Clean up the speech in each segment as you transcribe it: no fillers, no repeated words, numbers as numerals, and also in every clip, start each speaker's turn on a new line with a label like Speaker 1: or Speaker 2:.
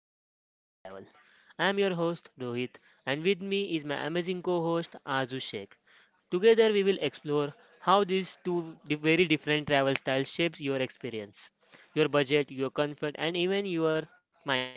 Speaker 1: versus luxury travel. I am your host Rohit, and with me is my amazing co-host Azu Sheikh. Together we will explore how very different travel styles shapes your experience, your budget, your comfort, and even your mindset.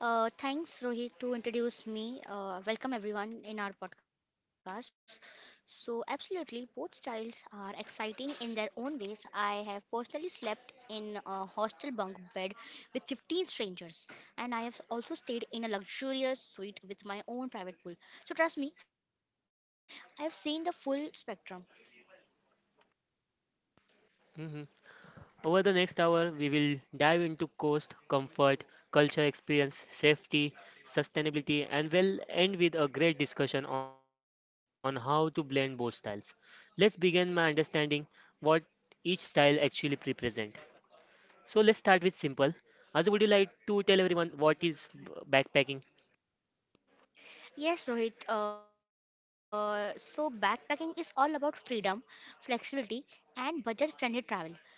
Speaker 2: Thanks, Rohit, to introduce me. Welcome, everyone, in our podcast. So, absolutely, both styles are exciting in their own ways. I have personally slept in a hostel bunk bed with 15 strangers, and I have also stayed in a luxurious suite with my own private pool. So, trust me, I have seen the full spectrum.
Speaker 1: Over the next hour, we will dive into cost, comfort, culture, experience, safety, sustainability, and will end with a great discussion on how to blend both styles. Let's begin by understanding what each style actually represents. So let's start with simple. Azu, would you like to tell everyone what is backpacking?
Speaker 2: Yes, Rohit. So backpacking is all about freedom, flexibility, and budget-friendly travel.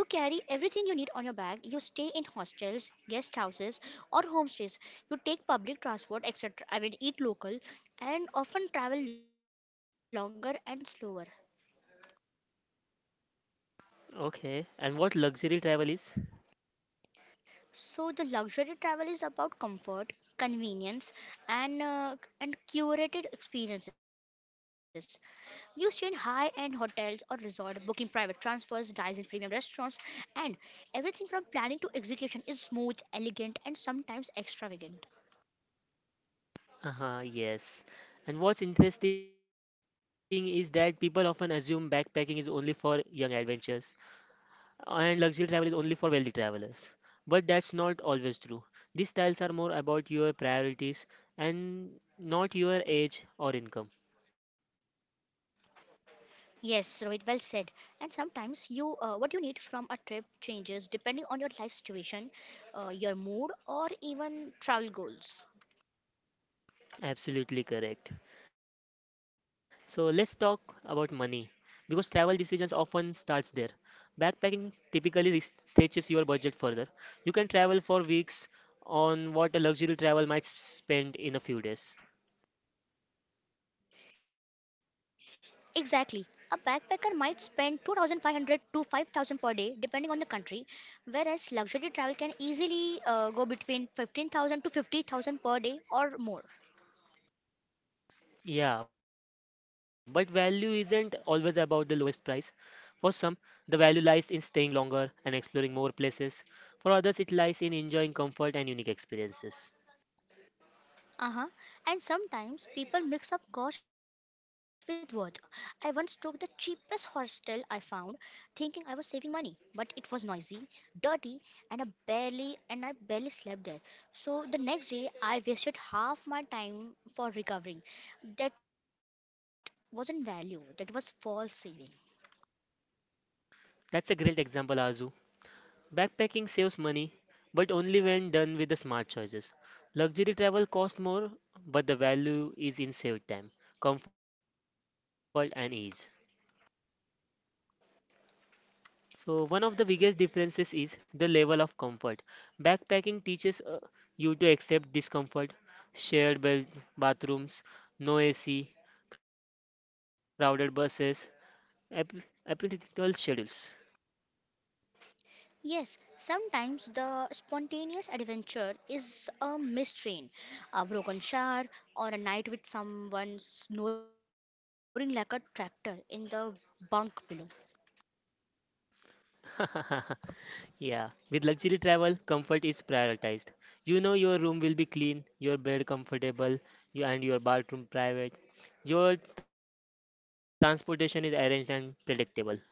Speaker 2: You carry everything you need on your bag. You stay in hostels, guest houses, or homestays. You take public transport, etc. I mean, eat local, and often travel longer and slower.
Speaker 1: Okay, and what luxury travel is?
Speaker 2: So the luxury travel is about comfort, convenience, and uh, and curated experiences. You stay in high-end hotels or resort, booking private transfers, dines in premium restaurants, and everything from planning to execution is smooth, elegant, and sometimes extravagant.
Speaker 1: Uh-huh, yes. And what's interesting is that people often assume backpacking is only for young adventurers, and luxury travel is only for wealthy travelers. But that's not always true. These styles are more about your priorities and not your age or income.
Speaker 2: Yes, Rohit, well said. And sometimes what you need from a trip changes depending on your life situation, your mood, or even travel goals.
Speaker 1: Absolutely correct. So let's talk about money because travel decisions often starts there. Backpacking typically stretches your budget further. You can travel for weeks on what a luxury travel might spend in a few days.
Speaker 2: Exactly. A backpacker might spend 2,500 to 5,000 per day depending on the country, whereas luxury travel can easily go between 15,000 to 50,000 per day or more.
Speaker 1: Yeah, but value isn't always about the lowest price. For some, the value lies in staying longer and exploring more places. For others, it lies in enjoying comfort and unique experiences.
Speaker 2: Uh-huh. And sometimes people mix up cost with worth. I once took the cheapest hostel I found, thinking I was saving money, but it was noisy, dirty, and I barely slept there. So the next day I wasted half my time for recovering. That wasn't value. That was false saving.
Speaker 1: That's a great example, Azu. Backpacking saves money, but only when done with the smart choices. Luxury travel costs more, but the value is in saved time, comfort, and ease. So, one of the biggest differences is the level of comfort. Backpacking teaches you to accept discomfort, shared bathrooms, no AC, crowded buses, ap- apprentical schedules.
Speaker 2: Yes, sometimes the spontaneous adventure is a mistrain, a broken shower, or a night with someone snoring like a tractor in the bunk below.
Speaker 1: Yeah, with luxury travel, comfort is prioritized. You know your room will be clean, your bed comfortable, you and your bathroom private. Your transportation is arranged and predictable.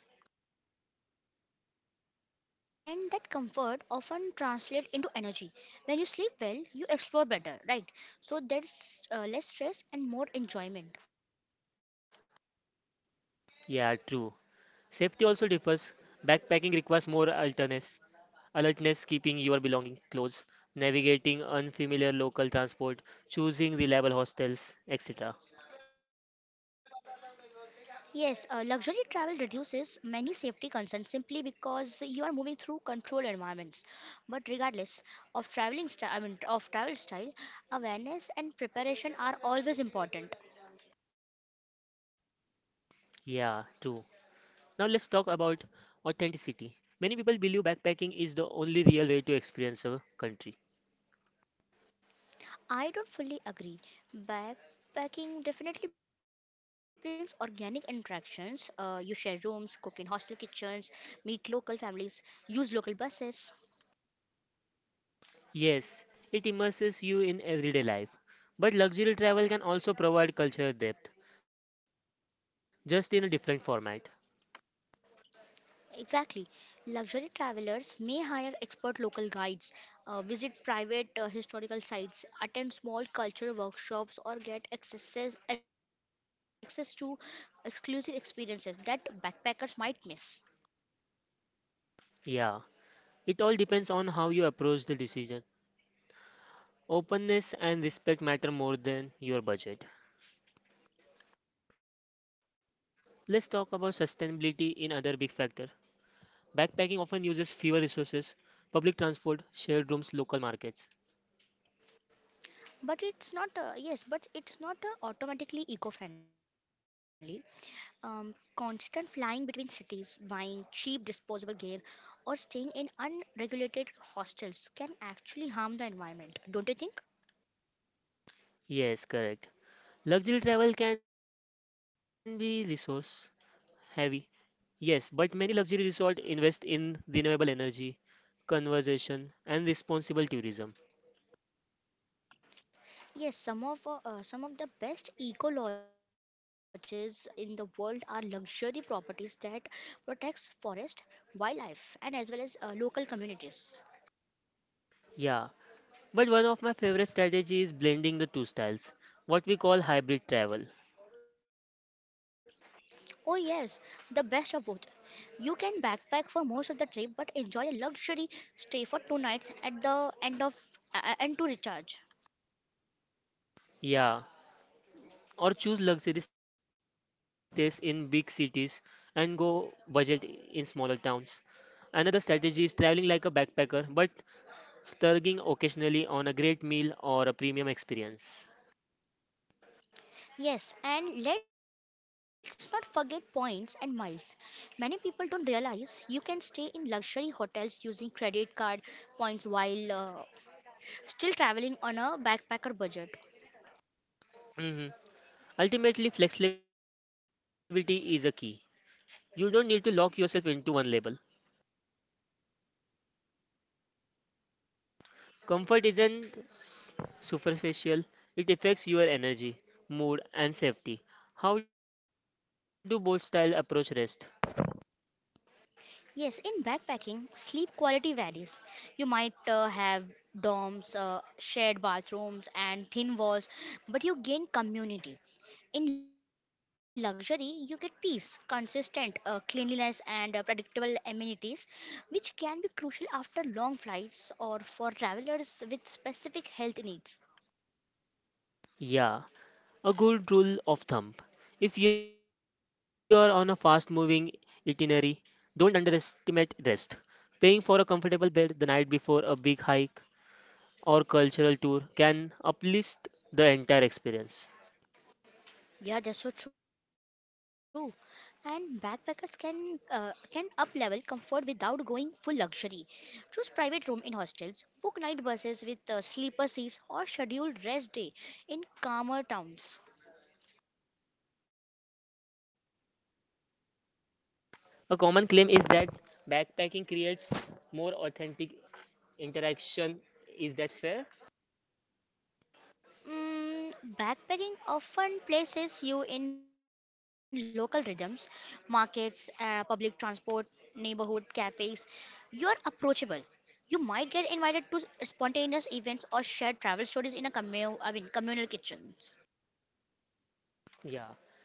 Speaker 2: Uh-huh. And that comfort often translates into energy. When you sleep well, you explore better, right? So there's less stress and more enjoyment.
Speaker 1: Yeah, true. Safety also differs. Backpacking requires more alertness, keeping your belongings close, navigating unfamiliar local transport, choosing reliable hostels, etc.
Speaker 2: Yes, luxury travel reduces many safety concerns simply because you are moving through controlled environments. But regardless of traveling style, I mean of travel style, awareness and preparation are always important.
Speaker 1: Yeah, true. Now let's talk about authenticity. Many people believe backpacking is the only real way to experience a country.
Speaker 2: I don't fully agree. Backpacking definitely brings organic interactions. You share rooms, cook in hostel kitchens, meet local families, use local buses.
Speaker 1: Yes, it immerses you in everyday life, but luxury travel can also provide cultural depth, just in a different format.
Speaker 2: Exactly. Luxury travelers may hire expert local guides, visit private historical sites, attend small culture workshops, or get access to exclusive experiences that backpackers might miss.
Speaker 1: Yeah. It all depends on how you approach the decision. Openness and respect matter more than your budget. Let's talk about sustainability in other big factor. Backpacking often uses fewer resources, public transport, shared rooms, local markets.
Speaker 2: But it's not automatically eco friendly. Constant flying between cities, buying cheap disposable gear, or staying in unregulated hostels can actually harm the environment, don't you think?
Speaker 1: Yes, correct. Luxury travel can be resource heavy. Yes, but many luxury resorts invest in renewable energy, conservation, and responsible tourism.
Speaker 2: Yes, some of the best eco lodges in the world are luxury properties that protects forest, wildlife, and as well as local communities.
Speaker 1: Yeah, but one of my favorite strategies is blending the two styles, what we call hybrid travel.
Speaker 2: Oh yes, the best of both. You can backpack for most of the trip, but enjoy a luxury stay for 2 nights at the end of and to recharge.
Speaker 1: Yeah, or choose luxury stays in big cities and go budget in smaller towns. Another strategy is traveling like a backpacker but splurging occasionally on a great meal or a premium experience.
Speaker 2: Yes, and let's not forget points and miles. Many people don't realize you can stay in luxury hotels using credit card points while still traveling on a backpacker budget.
Speaker 1: Mhm. Ultimately, flexibility is a key. You don't need to lock yourself into one label. Comfort isn't superficial, it affects your energy, mood, and safety. How do both style approach rest?
Speaker 2: Yes, in backpacking, sleep quality varies. You might have dorms, shared bathrooms, and thin walls, but you gain community. In luxury, you get peace, consistent cleanliness, and predictable amenities, which can be crucial after long flights or for travelers with specific health needs.
Speaker 1: Yeah, a good rule of thumb. If you are on a fast moving itinerary, don't underestimate rest. Paying for a comfortable bed the night before a big hike or cultural tour can uplift the entire experience.
Speaker 2: Yeah, that's so true. And backpackers can up level comfort without going full luxury. Choose private room in hostels, book night buses with sleeper seats, or schedule rest day in calmer towns.
Speaker 1: A common claim is that backpacking creates more authentic interaction. Is that fair?
Speaker 2: Mm, backpacking often places you in local rhythms, markets, public transport, neighborhood cafes. You're approachable. You might get invited to spontaneous events or shared travel stories in a communal kitchens.
Speaker 1: Yeah,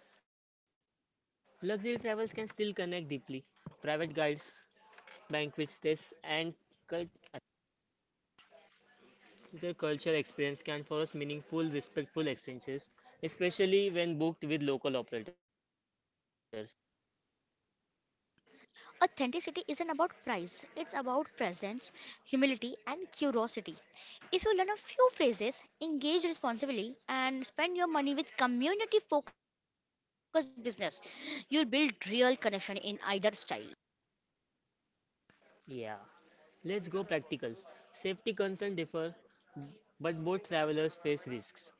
Speaker 1: luxury travels can still connect deeply. Private guides, banquet stays, and cul- other culture experience can force meaningful, respectful exchanges, especially when booked with local operators.
Speaker 2: Authenticity isn't about price, it's about presence, humility, and curiosity. If you learn a few phrases, engage responsibly, and spend your money with community focused business, you'll build real connection in either style.
Speaker 1: Yeah, let's go practical. Safety concerns differ, but both travelers face risks.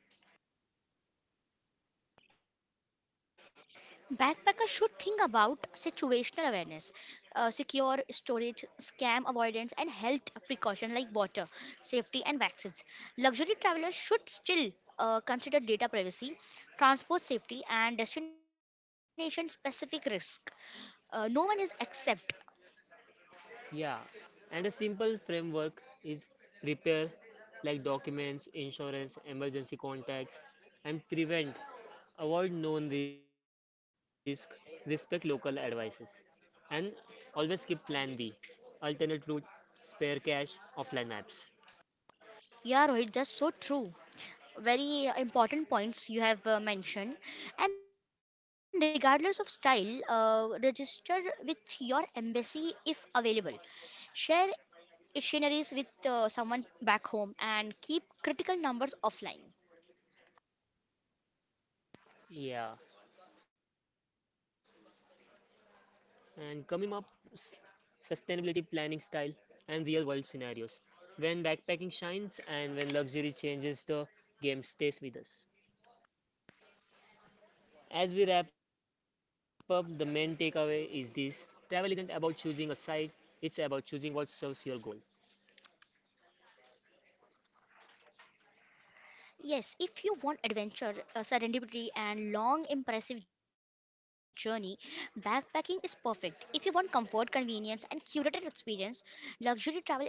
Speaker 2: Backpackers should think about situational awareness, secure storage, scam avoidance, and health precaution like water, safety, and vaccines. Luxury travelers should still consider data privacy, transport safety, and destination specific risk. No one is exempt.
Speaker 1: Yeah, and a simple framework is prepare, like documents, insurance, emergency contacts, and prevent. Avoid known risk, respect local advices, and always keep plan B, alternate route, spare cash, offline maps.
Speaker 2: Yeah, Rohit, just so true. Very important points you have mentioned. And regardless of style, register with your embassy if available. Share dictionaries with someone back home and keep critical numbers offline.
Speaker 1: Yeah, and coming up, sustainability planning style and real world scenarios. When backpacking shines and when luxury changes, the game stays with us. As we wrap up, the main takeaway is this: travel isn't about choosing a site, it's about choosing what serves your goal.
Speaker 2: Yes, if you want adventure, serendipity, and long, impressive journey, backpacking is perfect. If you want comfort, convenience, and curated experience, luxury travel is wonderful.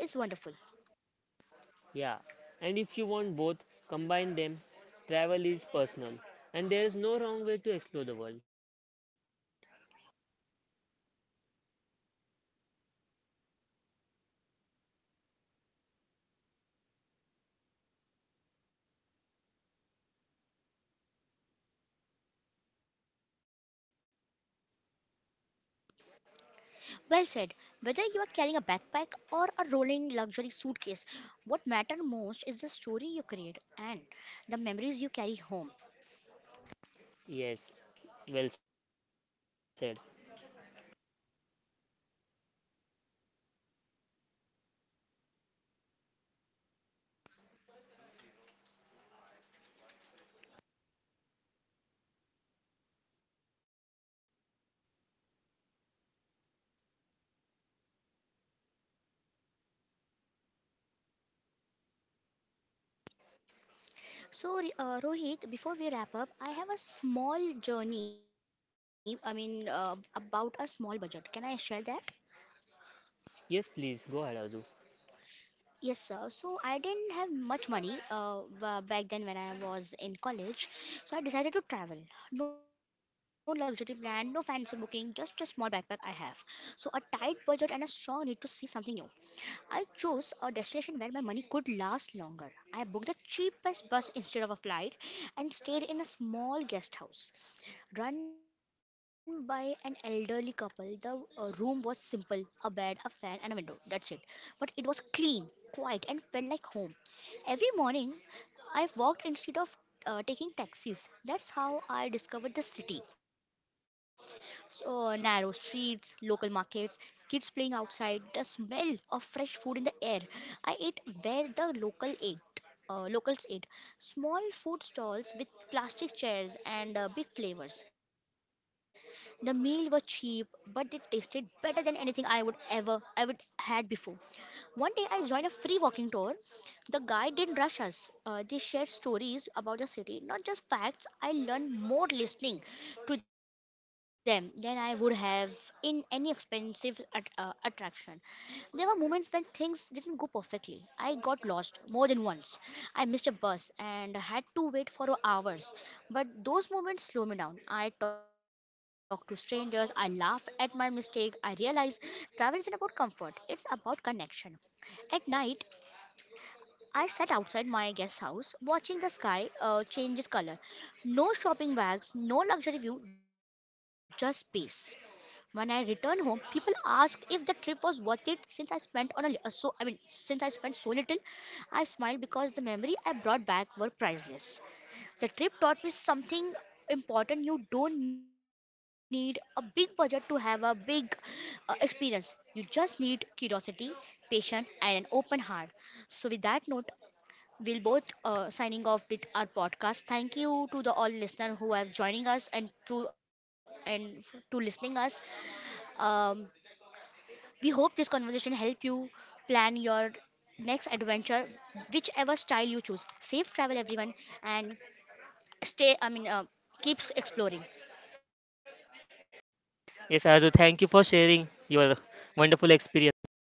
Speaker 1: Yeah, and if you want both, combine them. Travel is personal, and there is no wrong way to explore the world.
Speaker 2: Well said. Whether you are carrying a backpack or a rolling luxury suitcase, what matters most is the story you create and the memories you carry home.
Speaker 1: Yes, well said.
Speaker 2: So, Rohit, before we wrap up, I have a small journey, I mean, about a small budget. Can I share that?
Speaker 1: Yes, please go ahead, Arzu.
Speaker 2: Yes, sir. So, I didn't have much money back then when I was in college. So, I decided to travel. No luxury plan, no fancy booking, just a small backpack I have. So, a tight budget and a strong need to see something new. I chose a destination where my money could last longer. I booked the cheapest bus instead of a flight and stayed in a small guest house run by an elderly couple. The room was simple: a bed, a fan, and a window. That's it. But it was clean, quiet, and felt like home. Every morning, I walked instead of taking taxis. That's how I discovered the city. So, narrow streets, local markets, kids playing outside, the smell of fresh food in the air. I ate where the local ate. Locals ate, small food stalls with plastic chairs and big flavors. The meal were cheap, but they tasted better than anything I would had before. One day I joined a free walking tour. The guide didn't rush us. They shared stories about the city, not just facts. I learned more listening to them than I would have in any expensive attraction. There were moments when things didn't go perfectly. I got lost more than once. I missed a bus and had to wait for hours. But those moments slow me down. I talked to strangers. I laughed at my mistake. I realized travel isn't about comfort, it's about connection. At night, I sat outside my guest house watching the sky change its color. No shopping bags, no luxury view, just peace. When I returned home, people asked if the trip was worth it since I spent on a li- so I mean since I spent so little. I smiled because the memory I brought back were priceless. The trip taught me something important. You don't need a big budget to have a big experience. You just need curiosity, patience, and an open heart. So, with that note, we'll both signing off with our podcast. Thank you to the all listeners who have joining us and to listening us. Um, we hope this conversation help you plan your next adventure, whichever style you choose. Safe travel, everyone, and stay. I mean, uh, keeps exploring.
Speaker 1: Yes, Arzu, thank you for sharing your wonderful experience.